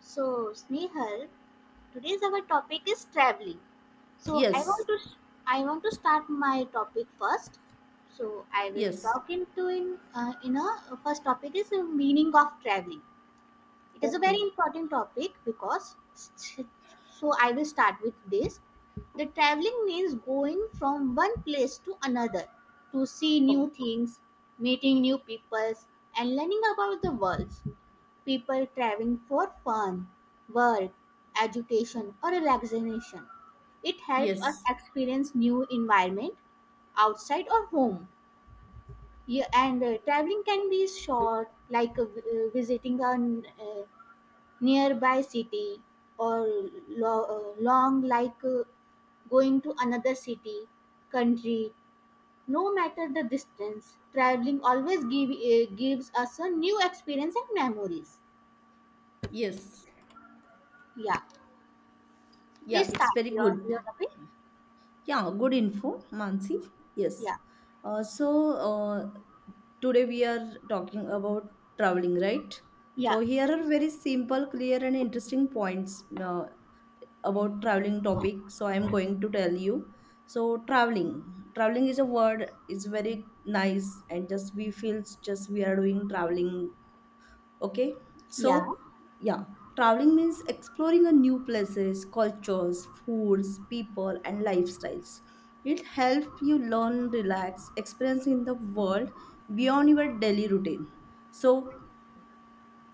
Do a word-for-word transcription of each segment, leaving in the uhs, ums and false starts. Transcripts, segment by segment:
So, Snehal, today's our topic is traveling. So, I Yes, want to I want to start my topic first. So, I will yes, talk into in uh, in a uh, first topic is the meaning of traveling. It is a very okay. important topic because so I will start with this. The traveling means going from one place to another to see Oh, new things, meeting new peoples, and learning about the world. People traveling for fun, work, education or relaxation. It helps us yes, experience new environment outside or home. Yeah, and uh, traveling can be short, like uh, vi- uh, visiting a n- uh, nearby city, or lo- uh, long, like uh, going to another city, country. No matter the distance, traveling always give, uh, gives us a new experience and memories. yes. Yeah. Please Yeah, it's start very your, your good. topic. Yeah, good info, Mansi. Yes. Yeah, Uh, so, uh, today we are talking about traveling, right? So, yeah, here are very simple, clear, and interesting points uh, about traveling topic. So, I am going to tell you. So, traveling. Traveling is a word, it's very nice, and just we feels just we are doing traveling. Okay. yeah, So. Yeah. Traveling means exploring a new places, cultures, foods, people, and lifestyles. It helps you learn, relax, experience in the world beyond your daily routine. So.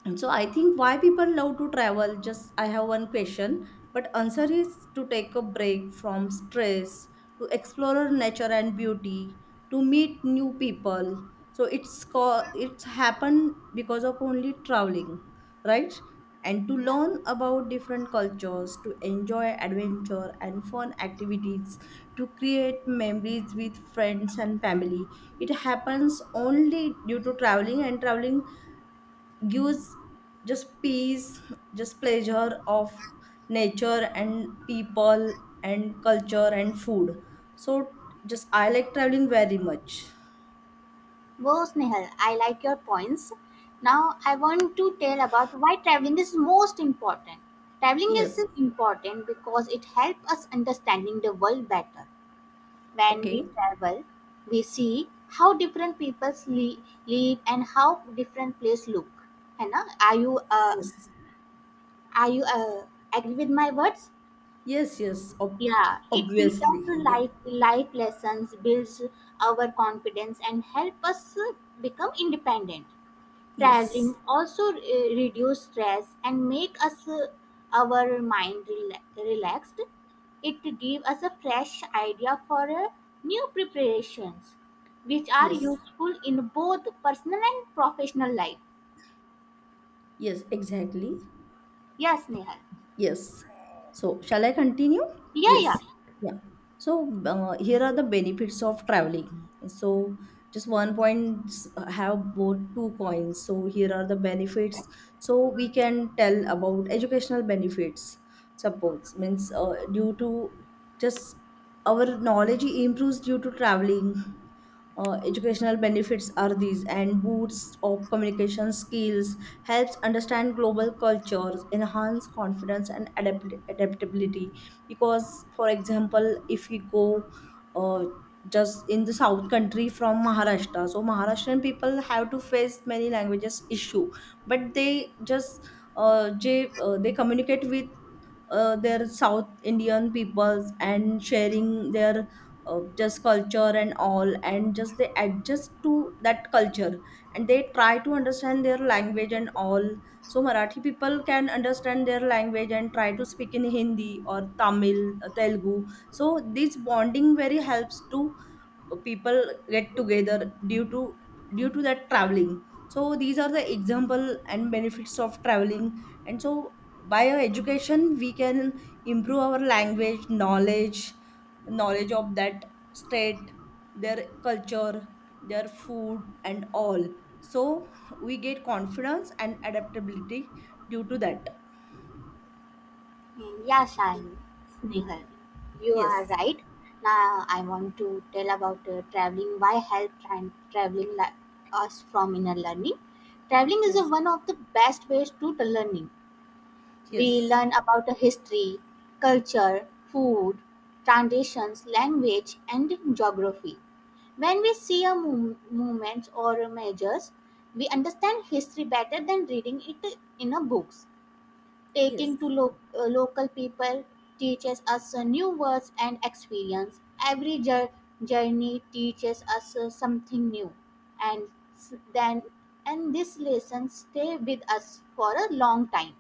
And so I think why people love to travel, just I have one question, but answer is to take a break from stress, to explore nature and beauty, to meet new people. So it's co- it's happened because of only traveling, right? And to yeah. learn about different cultures, to enjoy adventure and fun activities, to create memories with friends and family. It happens only due to traveling, and traveling gives just peace, just pleasure of nature and people and culture and food. So just I like traveling very much. Go, Snehal. I like your points. Now, I want to tell about why traveling is most important. Traveling is Yes. important because it helps us understanding the world better. When we Okay. travel, we see how different people li- live and how different places look. Hannah, are you uh, Yes. are you uh, agree with my words? Yes, yes. Ob- Yeah, it teaches Obviously. Yeah. life life lessons, builds our confidence, and help us uh, become independent. Yes. Traveling also uh, reduce stress and make us uh, our mind rela- relaxed. It give us a fresh idea for uh, new preparations, which are Yes. useful in both personal and professional life. Yes, exactly. Yes, Nehal. Yes. So, shall I continue? Yeah, yeah. Yes. Yeah. So, uh, here are the benefits of traveling. So, just one point s- have both two coins. So, here are the benefits. So, we can tell about educational benefits. Suppose means uh, due to just our knowledge improves due to traveling. Uh, educational benefits are these and boosts of communication skills, helps understand global cultures, enhance confidence and adapt- adaptability, because for example if we go uh, just in the south country from Maharashtra, so Maharashtrian people have to face many languages issue, but they just uh, they, uh, they communicate with uh, their South Indian peoples and sharing their uh, just culture and all, and just they adjust to that culture and they try to understand their language and all. So Marathi people can understand their language and try to speak in Hindi or Tamil, uh, Telugu. So this bonding very helps to people get together due to due to that traveling. So these are the example and benefits of traveling. And so by our education we can improve our language knowledge, knowledge of that state, their culture, their food and all. So we get confidence and adaptability due to that. Yeah, Sal- Snehal, you are Yes, right. Now I want to tell about uh, traveling. Why help tra- traveling la- us from inner learning? Traveling is a, yes, one of the best ways to the learning. We yes, learn about the history, culture, food, traditions, language, and geography. When we see a mov- movements or measures, we understand history better than reading it in a books. yes. Taking to lo- uh, local people teaches us uh, new words and experience. Every jour- journey teaches us uh, something new, and s- then and this lesson stay with us for a long time.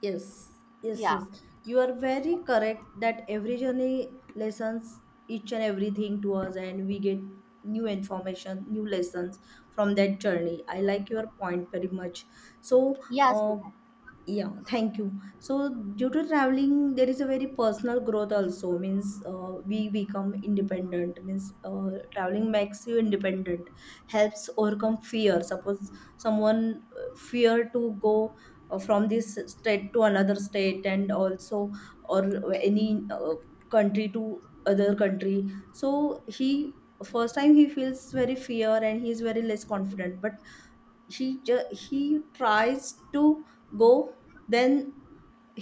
Yes, yes, Yeah. yes. You are very correct that every journey lessons each and everything to us, and we get new information, new lessons from that journey. I like your point very much. So, Yes, uh, Nihal. yeah, thank you. So, due to traveling, there is a very personal growth also. Means uh, we become independent. Means uh, traveling makes you independent, helps overcome fear. Suppose someone uh, fear to go uh, from this state to another state, and also or any uh, country to other country. So he first time he feels very fear and he is very less confident. But he ju- he tries to go, then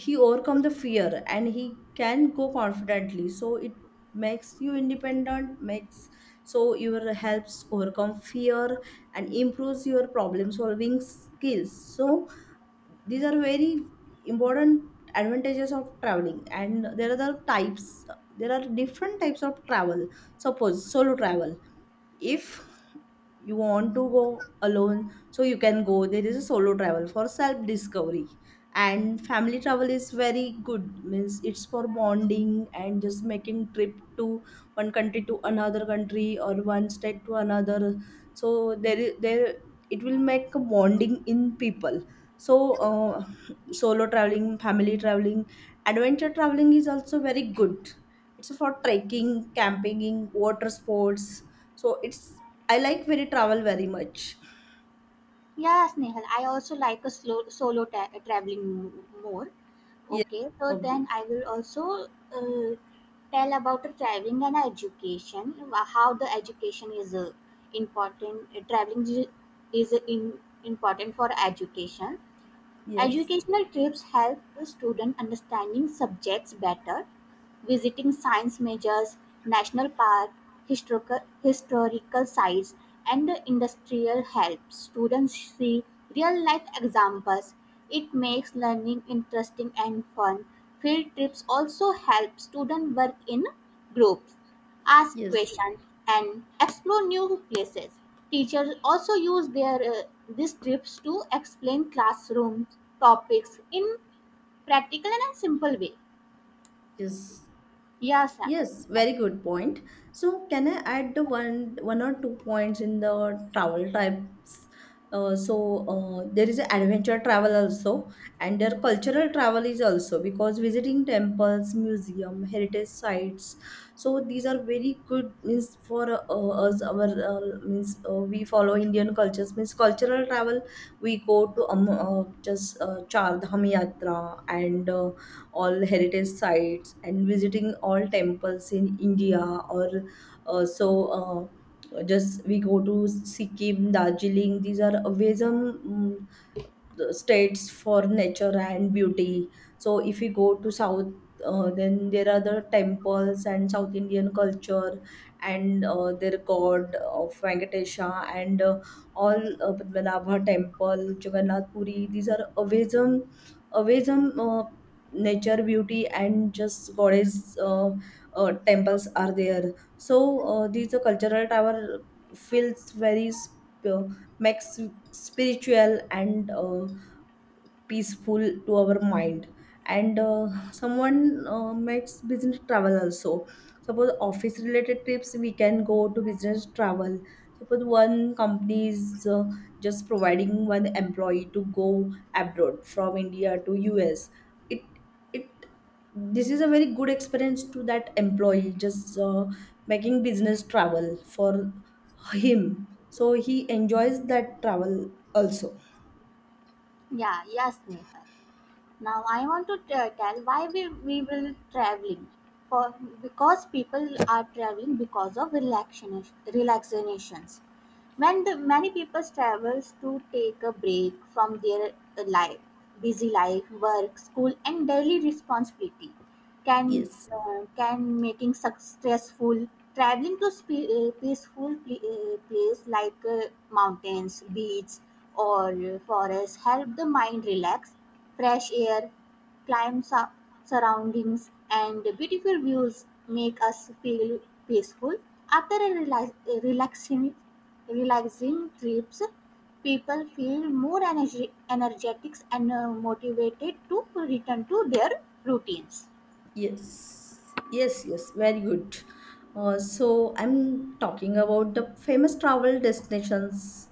he overcome the fear and he can go confidently. So it makes you independent, makes so your helps overcome fear and improves your problem solving skills. So these are very important advantages of traveling, and there are the types, there are different types of travel. Suppose solo travel. If you want to go alone, so you can go. There is a solo travel for self discovery. And family travel is very good means it's for bonding and just making trip to one country to another country or one state to another. So there is there it will make a bonding in people. So uh, solo traveling, family traveling, adventure traveling is also very good. It's for trekking, camping, water sports. So it's I like very travel very much. Yes, Nehal, I also like a slow solo ta- traveling m- more. Yes, Okay, so then obvious. I will also uh, tell about the traveling and education, wha- how the education is uh, important. Uh, traveling is is in, important for education. Yes, Educational trips help the student understanding subjects better. Visiting science majors, national park, historical, historical sites, and industrial helps students see real-life examples. It makes learning interesting and fun. Field trips also help students work in groups, ask yes, questions, and explore new places. Teachers also use their uh, these trips to explain classroom topics in practical and simple way. yes. Yes, yes. Yes, very good point. So, can I add the one one or two points in the travel types? Uh, so uh, there is adventure travel also, and their cultural travel is also because visiting temples, museum, heritage sites. So these are very good means for uh, us. Our uh, means uh, we follow Indian cultures means cultural travel. We go to um, uh, just uh, Char Dham Yatra and. Uh, all heritage sites and visiting all temples in India or uh, so uh, just we go to Sikkim, Darjeeling. These are ways um, the states for nature and beauty. So if we go to South, uh, then there are the temples and South Indian culture and uh, their god of Venkatesha and uh, all uh, Padmanabha temple, Jagannath Puri. These are amazing, amazing uh, nature beauty and just goddess uh, uh, temples are there. So uh, these are cultural tower feels very sp- uh, makes spiritual and uh, peaceful to our mind. And uh, someone uh, makes business travel also. Suppose office related trips, we can go to business travel. Suppose one company is uh, just providing one employee to go abroad from India to us. it it This is a very good experience to that employee, just uh, making business travel for him. So he enjoys that travel also. Yeah, yes, Nehal. Now I want to t- tell why we, we will traveling. For because people are traveling because of relaxation relaxations when the many people travels to take a break from their uh, life busy life work school and daily responsibility can Yes. uh, can making successful traveling to spe- uh, peaceful pl- uh, place like uh, mountains beach or uh, forest help the mind relax fresh air calm sur- surroundings and beautiful views make us feel peaceful. After a rela- a relaxing, relaxing trips, people feel more energy, energetic and uh, motivated to return to their routines. Yes, yes, yes, very good. Uh, so I'm talking about the famous travel destinations.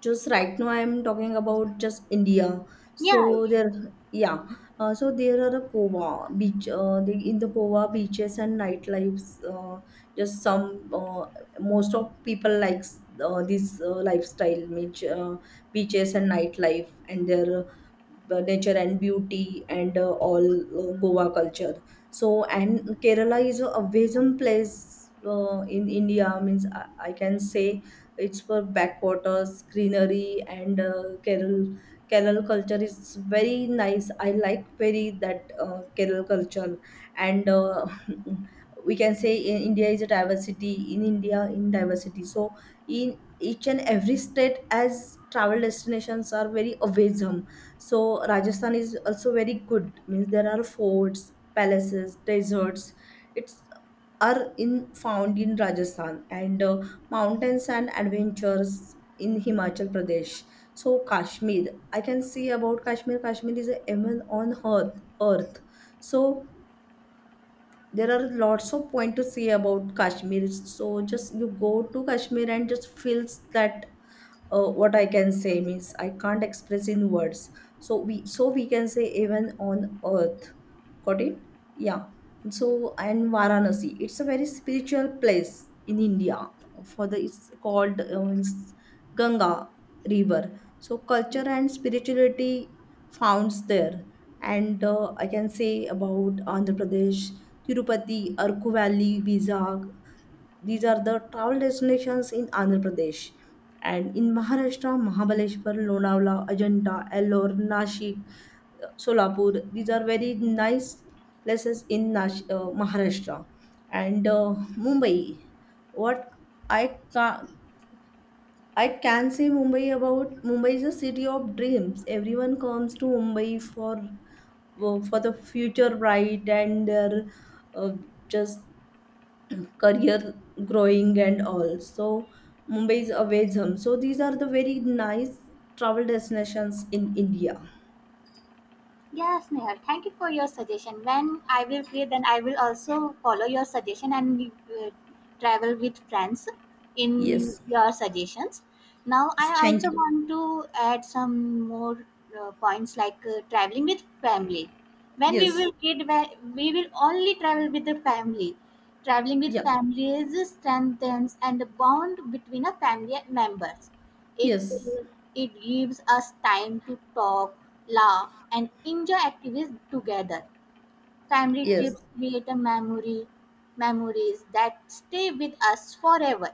Just right now, I'm talking about just India. Yeah, So there, yeah. Uh, so there are the Goa beach. Uh, the, in the Goa beaches and nightlifes. Uh, just some uh, most of people likes uh, this uh, lifestyle, which uh, beaches and nightlife and their uh, nature and beauty and uh, all uh, Goa culture. So and Kerala is a amazing place uh, in India. Means I, I can say it's for backwaters, greenery and uh, Kerala, kerala culture is very nice. I like very that uh, Kerala culture. And uh, we can say in India is a diversity in India in diversity. So in each and every state as travel destinations are very awesome. So Rajasthan is also very good means there are forts, palaces, deserts. It's are in found in Rajasthan and uh, mountains and adventures in Himachal Pradesh. So Kashmir, I can see about Kashmir. Kashmir is a heaven on earth. Earth. So there are lots of point to see about Kashmir. So just you go to Kashmir and just feels that uh, what I can say means I can't express in words. So we, so we can say even on earth. Got it. Yeah. So and Varanasi it's a very spiritual place in India for the it's called uh, means Ganga river. So culture and spirituality founds there. And uh, I can say about Andhra Pradesh. Tirupati, Arku Valley, Vizag, these are the travel destinations in Andhra Pradesh. And in Maharashtra, Mahabaleshwar, Lonavala, Ajanta, Ellore, Nashik, uh, Solapur. These are very nice places in Nash- uh, Maharashtra. And uh, Mumbai. What I ca I can say Mumbai about Mumbai is a city of dreams. Everyone comes to Mumbai for uh, for the future bright and their uh, just career growing and all. So Mumbai is a Vezham. So these are the very nice travel destinations in India. yes, Nehal, thank you for your suggestion. When I will create, then I will also follow your suggestion and uh, travel with friends in Yes. your suggestions. Now, I Yes, thank also you. want to add some more uh, points like uh, traveling with family. When we Yes. will kid, we we will only travel with the family. Traveling with Yeah. families strengthens and the bond between a family members. It Yes. it gives us time to talk, laugh, and enjoy activities together. Family Yes. trips create a memory memories that stay with us forever.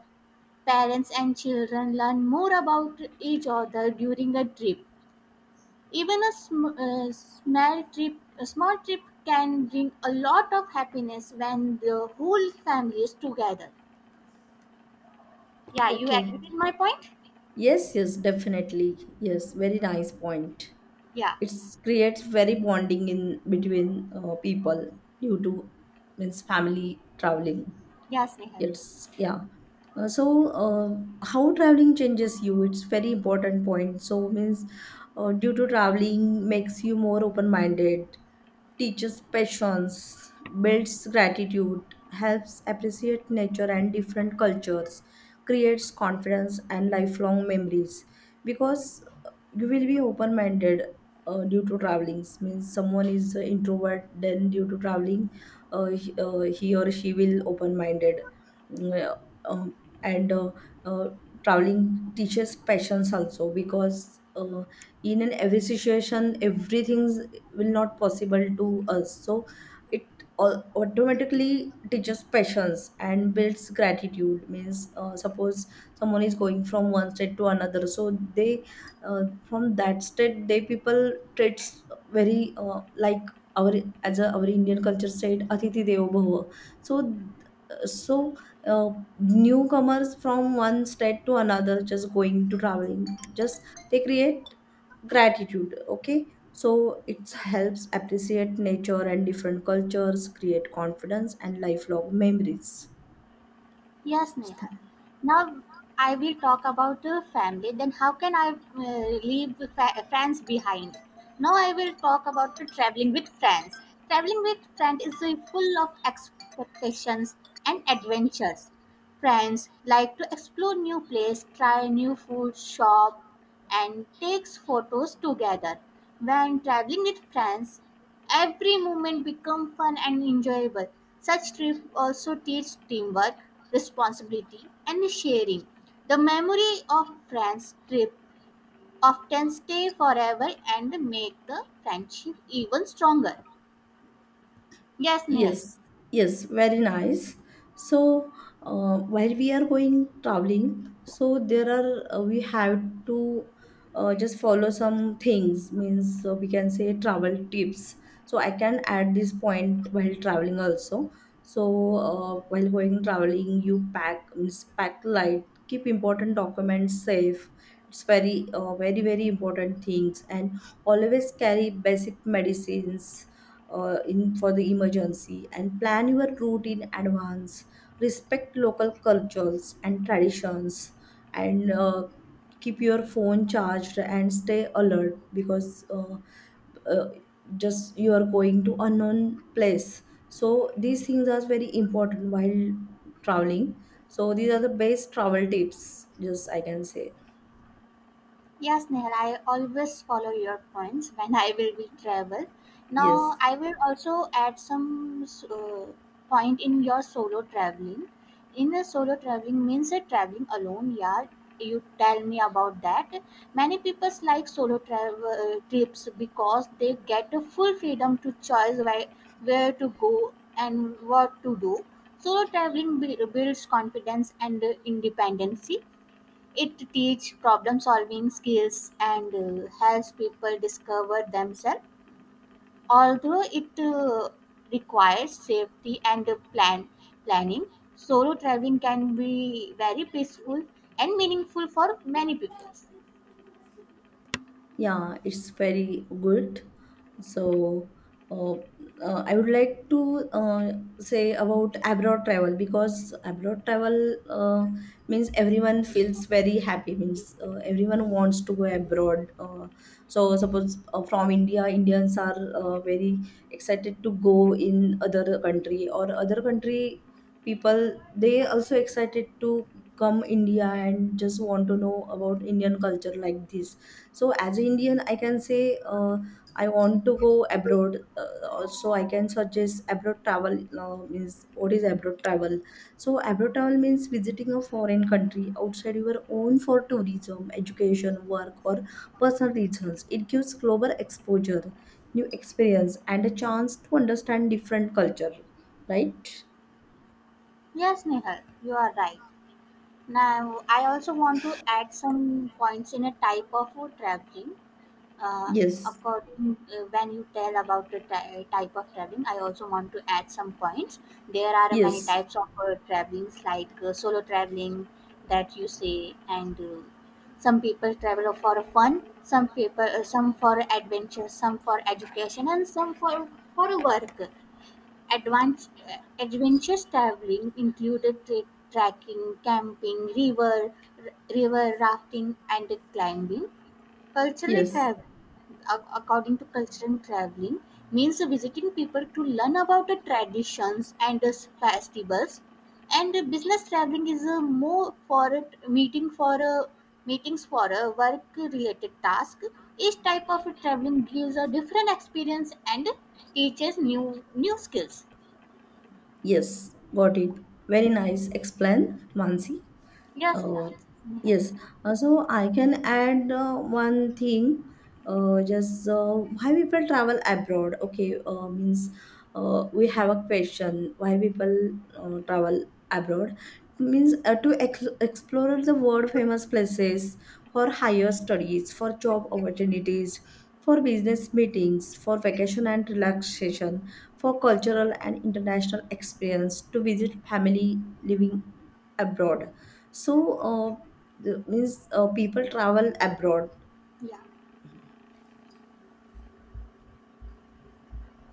Parents and children learn more about each other during a trip. Even a sm- uh, small trip, a small trip can bring a lot of happiness when the whole family is together. Yeah, you Okay. agree with my point? Yes, yes, definitely. Yes, very nice point. Yeah, It creates very bonding in between uh, people due to means family traveling. yes, Nehal. Yes, yeah. Uh, so, uh, how traveling changes you? It's very important point. So, means uh, due to traveling makes you more open-minded, teaches patience, builds gratitude, helps appreciate nature and different cultures, creates confidence and lifelong memories. Because uh, you will be open-minded uh, due to traveling. Means someone is an introvert, then due to traveling, uh, he, uh, he or she will open-minded. Mm, uh, and uh, uh, traveling teaches patience also because uh, in an every situation everything will not possible to us. So it au- automatically teaches patience and builds gratitude means uh, suppose someone is going from one state to another, so they uh, from that state they people treats very uh, like our as a, our Indian culture said atithi devo bhava. So so uh, newcomers from one state to another just going to traveling, just they create gratitude. Okay. So it helps appreciate nature and different cultures, create confidence and lifelong memories. Yes, Neha. Now I will talk about uh, family. Then how can I uh, leave fa- friends behind? Now I will talk about uh, traveling with friends. Traveling with friends is uh, full of expectations and adventures. Friends like to explore new place, try new food, shop, and takes photos together. When traveling with friends, every moment become fun and enjoyable. Such trip also teach teamwork, responsibility, and sharing. The memory of friends trip often stay forever and make the friendship even stronger. Yes, Nehal. Yes, yes, very nice. So, uh, while we are going traveling, so there are uh, we have to uh, just follow some things, means uh, we can say travel tips. So I can add this point while traveling also. So uh, while going traveling, you pack means pack light, keep important documents safe. It's very, uh, very, very important things, and always carry basic medicines uh, in for the emergency, and plan your route in advance, respect local cultures and traditions. And uh, keep your phone charged and stay alert because uh, uh, just you are going to unknown place. So these things are very important while traveling. So these are the best travel tips just I can say. Yes, Nehal, I always follow your points when I will be travel. Yes. Now, I will also add some uh, point in your solo traveling. In a solo traveling means a traveling alone. Yeah, you tell me about that. Many people like solo travel uh, trips because they get a full freedom to choose where, where to go and what to do. Solo traveling bui- builds confidence and uh, independency. It teaches problem solving skills and uh, helps people discover themselves. Although it uh, requires safety and uh, plan planning, solo traveling can be very peaceful and meaningful for many people. Yeah, it's very good. So, uh, uh, I would like to uh, say about abroad travel because abroad travel uh, means everyone feels very happy. Means uh, Everyone wants to go abroad. Uh, so, suppose uh, From India, Indians are uh, very excited to go in other country, or other country people. They also excited to come India and just want to know about Indian culture, like this. So as an Indian, I can say, uh, I want to go abroad. Uh, so I can suggest abroad travel. Uh, means What is abroad travel? So abroad travel means visiting a foreign country outside your own for tourism, education, work, or personal reasons. It gives global exposure, new experience, and a chance to understand different culture, right? Yes, Nehal, you are right. Now, I also want to add some points in a type of uh, traveling. uh, Yes, accord, uh, when you tell about the ty- type of traveling, I also want to add some points. There are many yes, types of uh, travelings, like uh, solo traveling that you say, and uh, some people travel for fun, some people, uh, some for adventure, some for education, and some for for work. Advanced uh, Adventurous traveling included tra- trekking, camping, river, river rafting, and climbing. Cultural yes, travel, according to cultural traveling, means visiting people to learn about the traditions and the festivals. And uh, business traveling is a more for a meeting for a meetings for a work related task. Each type of traveling gives a different experience and teaches new new skills. yes, got it. Very nice explain, Mansi. Yes, Uh, sir. Yeah. yes. Uh, so I can add uh, one thing. Uh, just uh, Why people travel abroad? Okay, uh, means uh, we have a question. Why people uh, travel abroad? Means uh, To ex- explore the world famous places, for higher studies, for job opportunities, for business meetings, for vacation and relaxation, for cultural and international experience, to visit family living abroad. So, uh, the- means uh, People travel abroad. Yeah.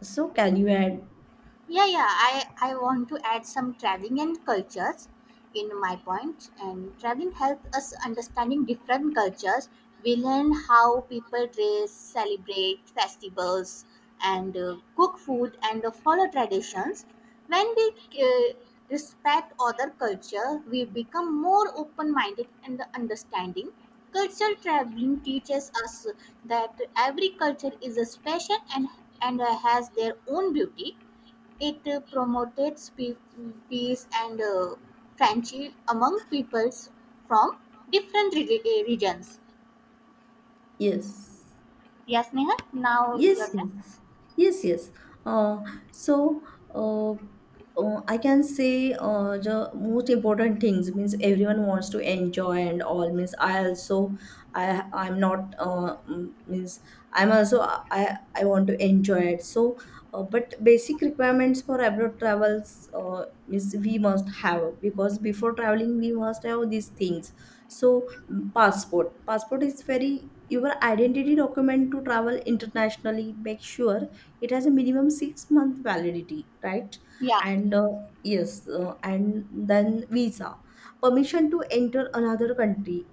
So, can you add? Yeah, yeah. I, I want to add some traveling and cultures in my point. And traveling helps us understanding different cultures. We learn how people dress, celebrate festivals, and uh, cook food and uh, follow traditions. When we uh, respect other culture, we become more open-minded and understanding. Cultural traveling teaches us that every culture is a special and and uh, has their own beauty. It uh, promoted spe- peace and uh, friendship among peoples from different re- eh, regions. Yes. Yes, Neha. Now Yes, your turn. yes, yes, yes. Uh, so uh, uh, I can say, uh, the most important things means everyone wants to enjoy and all. Means I also, I I'm not uh, mm, means I'm also, I I want to enjoy it. So, uh, but basic requirements for abroad travels uh, means we must have, because before traveling we must have these things. So, mm, passport passport is very your identity document to travel internationally. Make sure it has a minimum six month validity, right? Yeah. And uh, yes, uh, and then visa, permission to enter another country.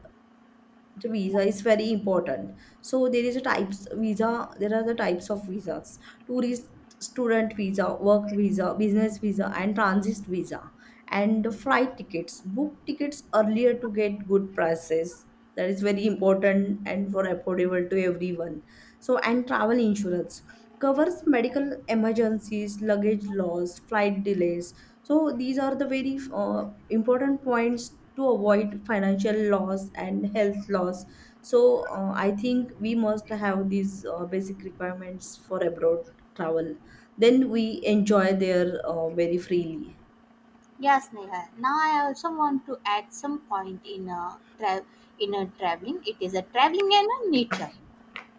The visa is very important. So there is a types visa, there are the types of visas: tourist, student visa, work visa, business visa, and transit visa. And the flight tickets, book tickets earlier to get good prices. That is very important, and for affordable to everyone. So, and travel insurance covers medical emergencies, luggage loss, flight delays. So these are the very uh, important points to avoid financial loss and health loss. So uh, I think we must have these uh, basic requirements for abroad travel. Then we enjoy there uh, very freely. Yes, Neha. Now I also want to add some point in a tra- in a traveling. It is a traveling and a nature.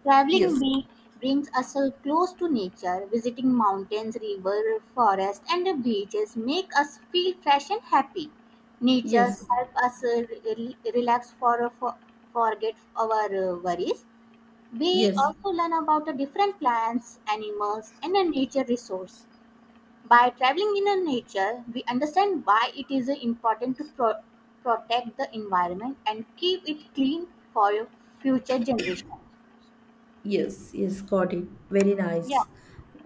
Traveling Yes. bee brings us so close to nature. Visiting mountains, river, forest, and beaches make us feel fresh and happy. Nature Yes. help us uh, re- relax for, uh, for forget our uh, worries. We Yes. also learn about the different plants, animals, and the nature resource. By traveling in the nature, we understand why it is uh, important to pro- protect the environment and keep it clean for future generations. Yes, yes, got it. Very Yeah. nice.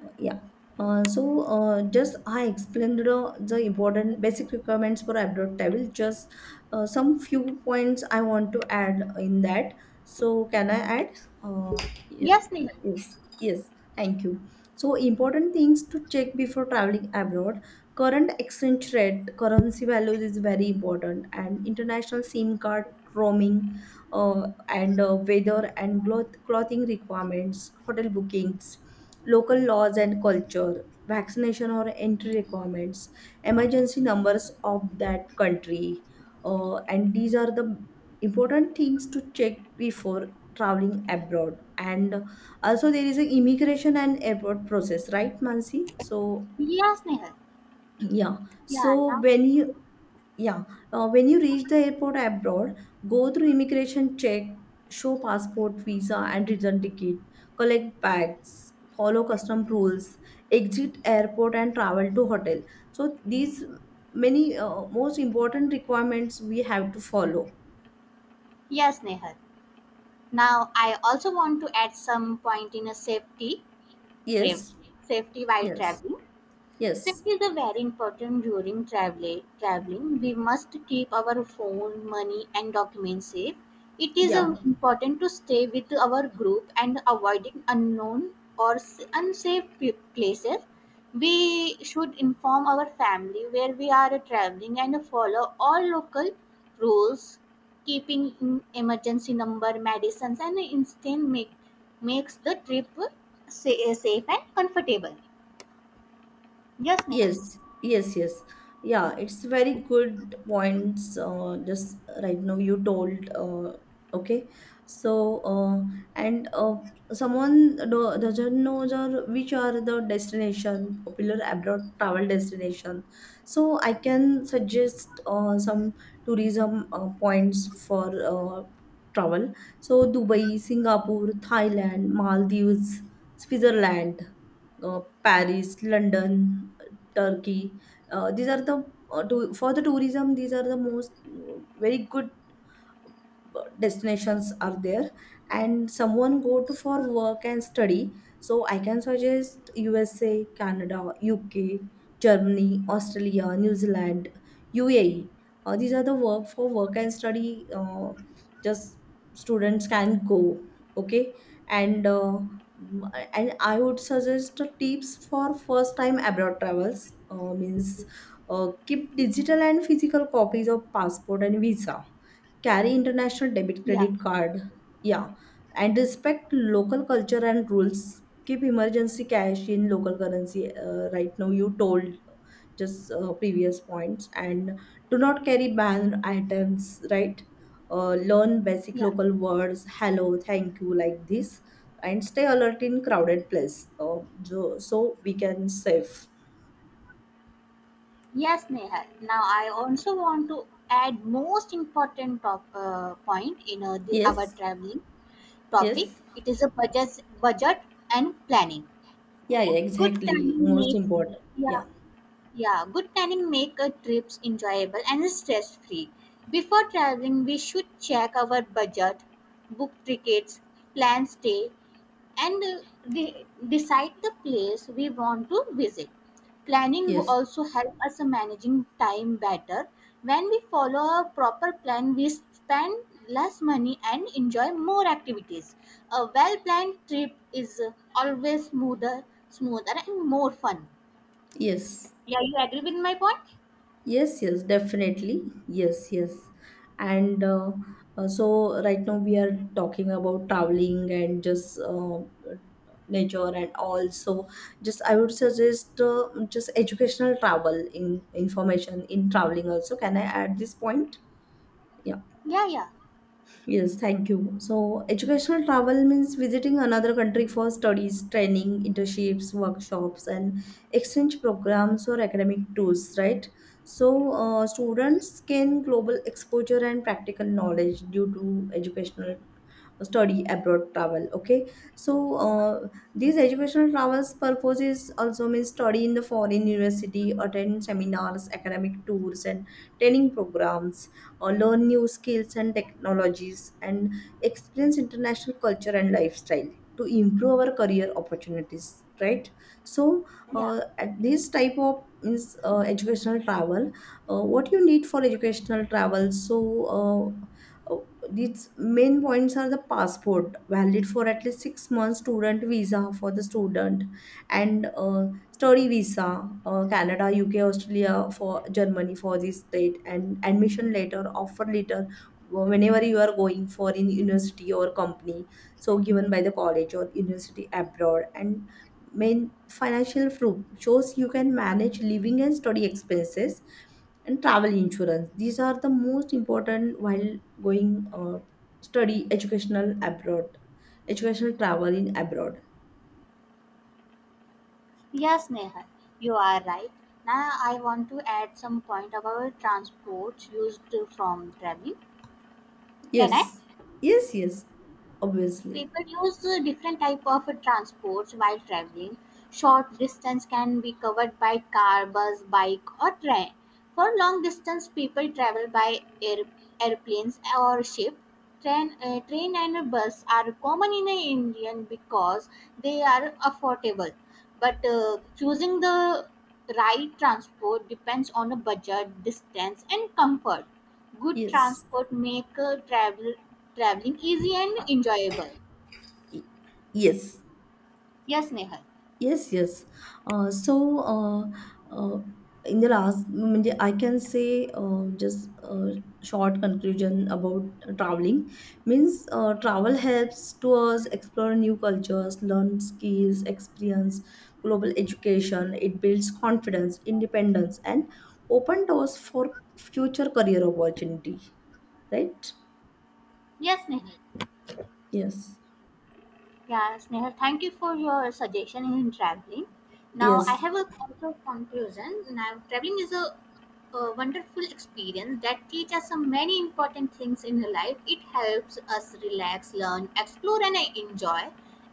Uh, yeah. Uh, so uh, just I explained the, the important basic requirements for abroad travel. Just uh, some few points I want to add in that. So can I add? Uh, yeah. Yes, Nehal. Yes, yes. Thank you. So, important things to check before traveling abroad: current exchange rate, currency values is very important, and international SIM card roaming, uh, and uh, weather and cloth- clothing requirements, hotel bookings, local laws and culture, vaccination or entry requirements, emergency numbers of that country. Uh, and these are the important things to check before traveling abroad. And also, there is an immigration and airport process, right, Mansi? So, Yes, Nehal. yeah. Yeah, So, now. when you yeah, uh, when you reach the airport abroad, go through immigration check, show passport, visa, and return ticket, collect bags, follow custom rules, exit airport, and travel to hotel. So these many uh, most important requirements we have to follow. Yes, Nehal. Now, I also want to add some point in a safety trip, Yes, safety while yes, traveling. yes, Safety is a very important during travel traveling. We must keep our phone, money, and documents safe. It is yeah. uh, important to stay with our group and avoiding unknown or s- unsafe p- places. We should inform our family where we are traveling and follow all local rules, keeping in emergency number, medicines, and instant make makes the trip sa- safe and comfortable. Yes, Nehal. Yes, yes, yes. Yeah, it's very good points. Uh, just right now you told. Uh, okay, so uh, and uh, someone do, doesn't know the, which are the destination popular abroad travel destination. So I can suggest uh, some tourism uh, points for uh, travel. So Dubai, Singapore, Thailand, Maldives, Switzerland, uh, Paris, London, Turkey. Uh, these are the uh, to, for the tourism. These are the most uh, very good destinations are there. And someone go to for work and study, so I can suggest USA, Canada, UK, Germany, Australia, New Zealand, UAE. Uh, these are the work, for work and study. uh, just students can go. Okay. And uh, m- and I would suggest tips for first time abroad travels. Uh, means uh, Keep digital and physical copies of passport and visa, carry international debit Yeah. credit card, yeah, and respect local culture and rules, keep emergency cash in local currency. Uh, right now you told, just uh, previous points. And do not carry banned items, right? Uh, learn basic Yeah. local words, hello, thank you, like this. And stay alert in crowded place. Uh, so, so we can save. Yes, Nehal. Now, I also want to add most important top, uh, point in uh, the, our Yes. traveling topic. Yes. It is a budget, budget and planning. Yeah, Okay. yeah, Good exactly, planning most makes important. yeah Yeah. yeah Good planning make a trips enjoyable and stress free. Before traveling, we should check our budget, book tickets, plan stay, and uh, de- decide the place we want to visit. Planning will Yes. also help us managing time better. When we follow a proper plan, we spend less money and enjoy more activities. A well planned trip is uh, always smoother, smoother and more fun. Yes. Yeah, you agree with my point? Yes, yes, definitely. Yes, yes. And uh, uh, So right now we are talking about traveling, and just uh, nature and all. So just I would suggest uh, just educational travel in information in traveling also. Can I add this point? Yeah. Yeah, yeah, Yes, thank you. So, educational travel means visiting another country for studies, training, internships, workshops, and exchange programs or academic tours, right? So, uh, students gain global exposure and practical knowledge due to educational study abroad travel. Okay. So uh, these educational travels purposes also means study in the foreign university, attend seminars, academic tours, and training programs, or learn new skills and technologies, and experience international culture and lifestyle to improve our career opportunities, right? So yeah. uh, at this type of means uh, educational travel. Uh, what you need for educational travel? so uh, its main points are the passport valid for at least six months, student visa for the student, and uh, study visa, uh, Canada, UK, Australia, for Germany, for this state, and admission letter, offer letter, uh, whenever you are going for in university or company, so given by the college or university abroad, and main financial proof shows you can manage living and study expenses, and travel insurance. These are the most important while going uh, study educational abroad, educational travel in abroad. Yes, Neha, you are right. Now I want to add some point about transport used from traveling. Can I? Yes, yes, yes, obviously, People use uh, different type of uh, transports while traveling. Short distance can be covered by car, bus, bike, or train. For long distance, people travel by air, airplanes or ship. Train, uh, train and bus are common in India because they are affordable. But uh, choosing the right transport depends on a budget, distance, and comfort. Good yes, transport make uh, travel traveling easy and enjoyable. yes. Yes, Nehal. Yes, yes. Uh, so uh, uh, in the last, म्हणजे I can say, uh, just a short conclusion about traveling, means uh, travel helps to us explore new cultures, learn skills, experience global education. It builds confidence, independence, and open doors for future career opportunity. Right? Yes, Nehal. Yes, Yes, Nehal. Thank you for your suggestion in traveling. Now I yes, have a also conclusion. Now traveling is a, a wonderful experience that teaches us so many important things in life. It helps us relax, learn, explore, and enjoy.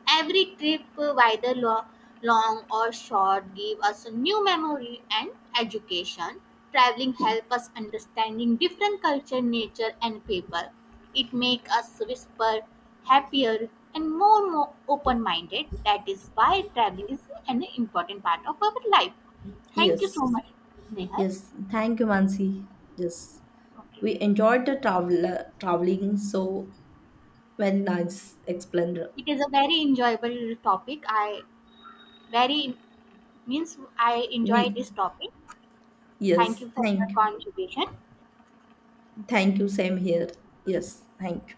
Every trip, whether lo- long or short, give us a new memory and education. Traveling help us understanding different culture, nature, and people. It make us whisper, happier, and more, more open-minded. That is why traveling is an important part of our life. Thank you so yes, much, Nehar. yes. Thank you, Mansi. Yes. We Okay. enjoyed the travel traveling, so when nice explained. It is a very enjoyable topic. I very means I enjoy We this topic. Thank yes, you for your thank contribution. thank you. Same here. Yes, thank you.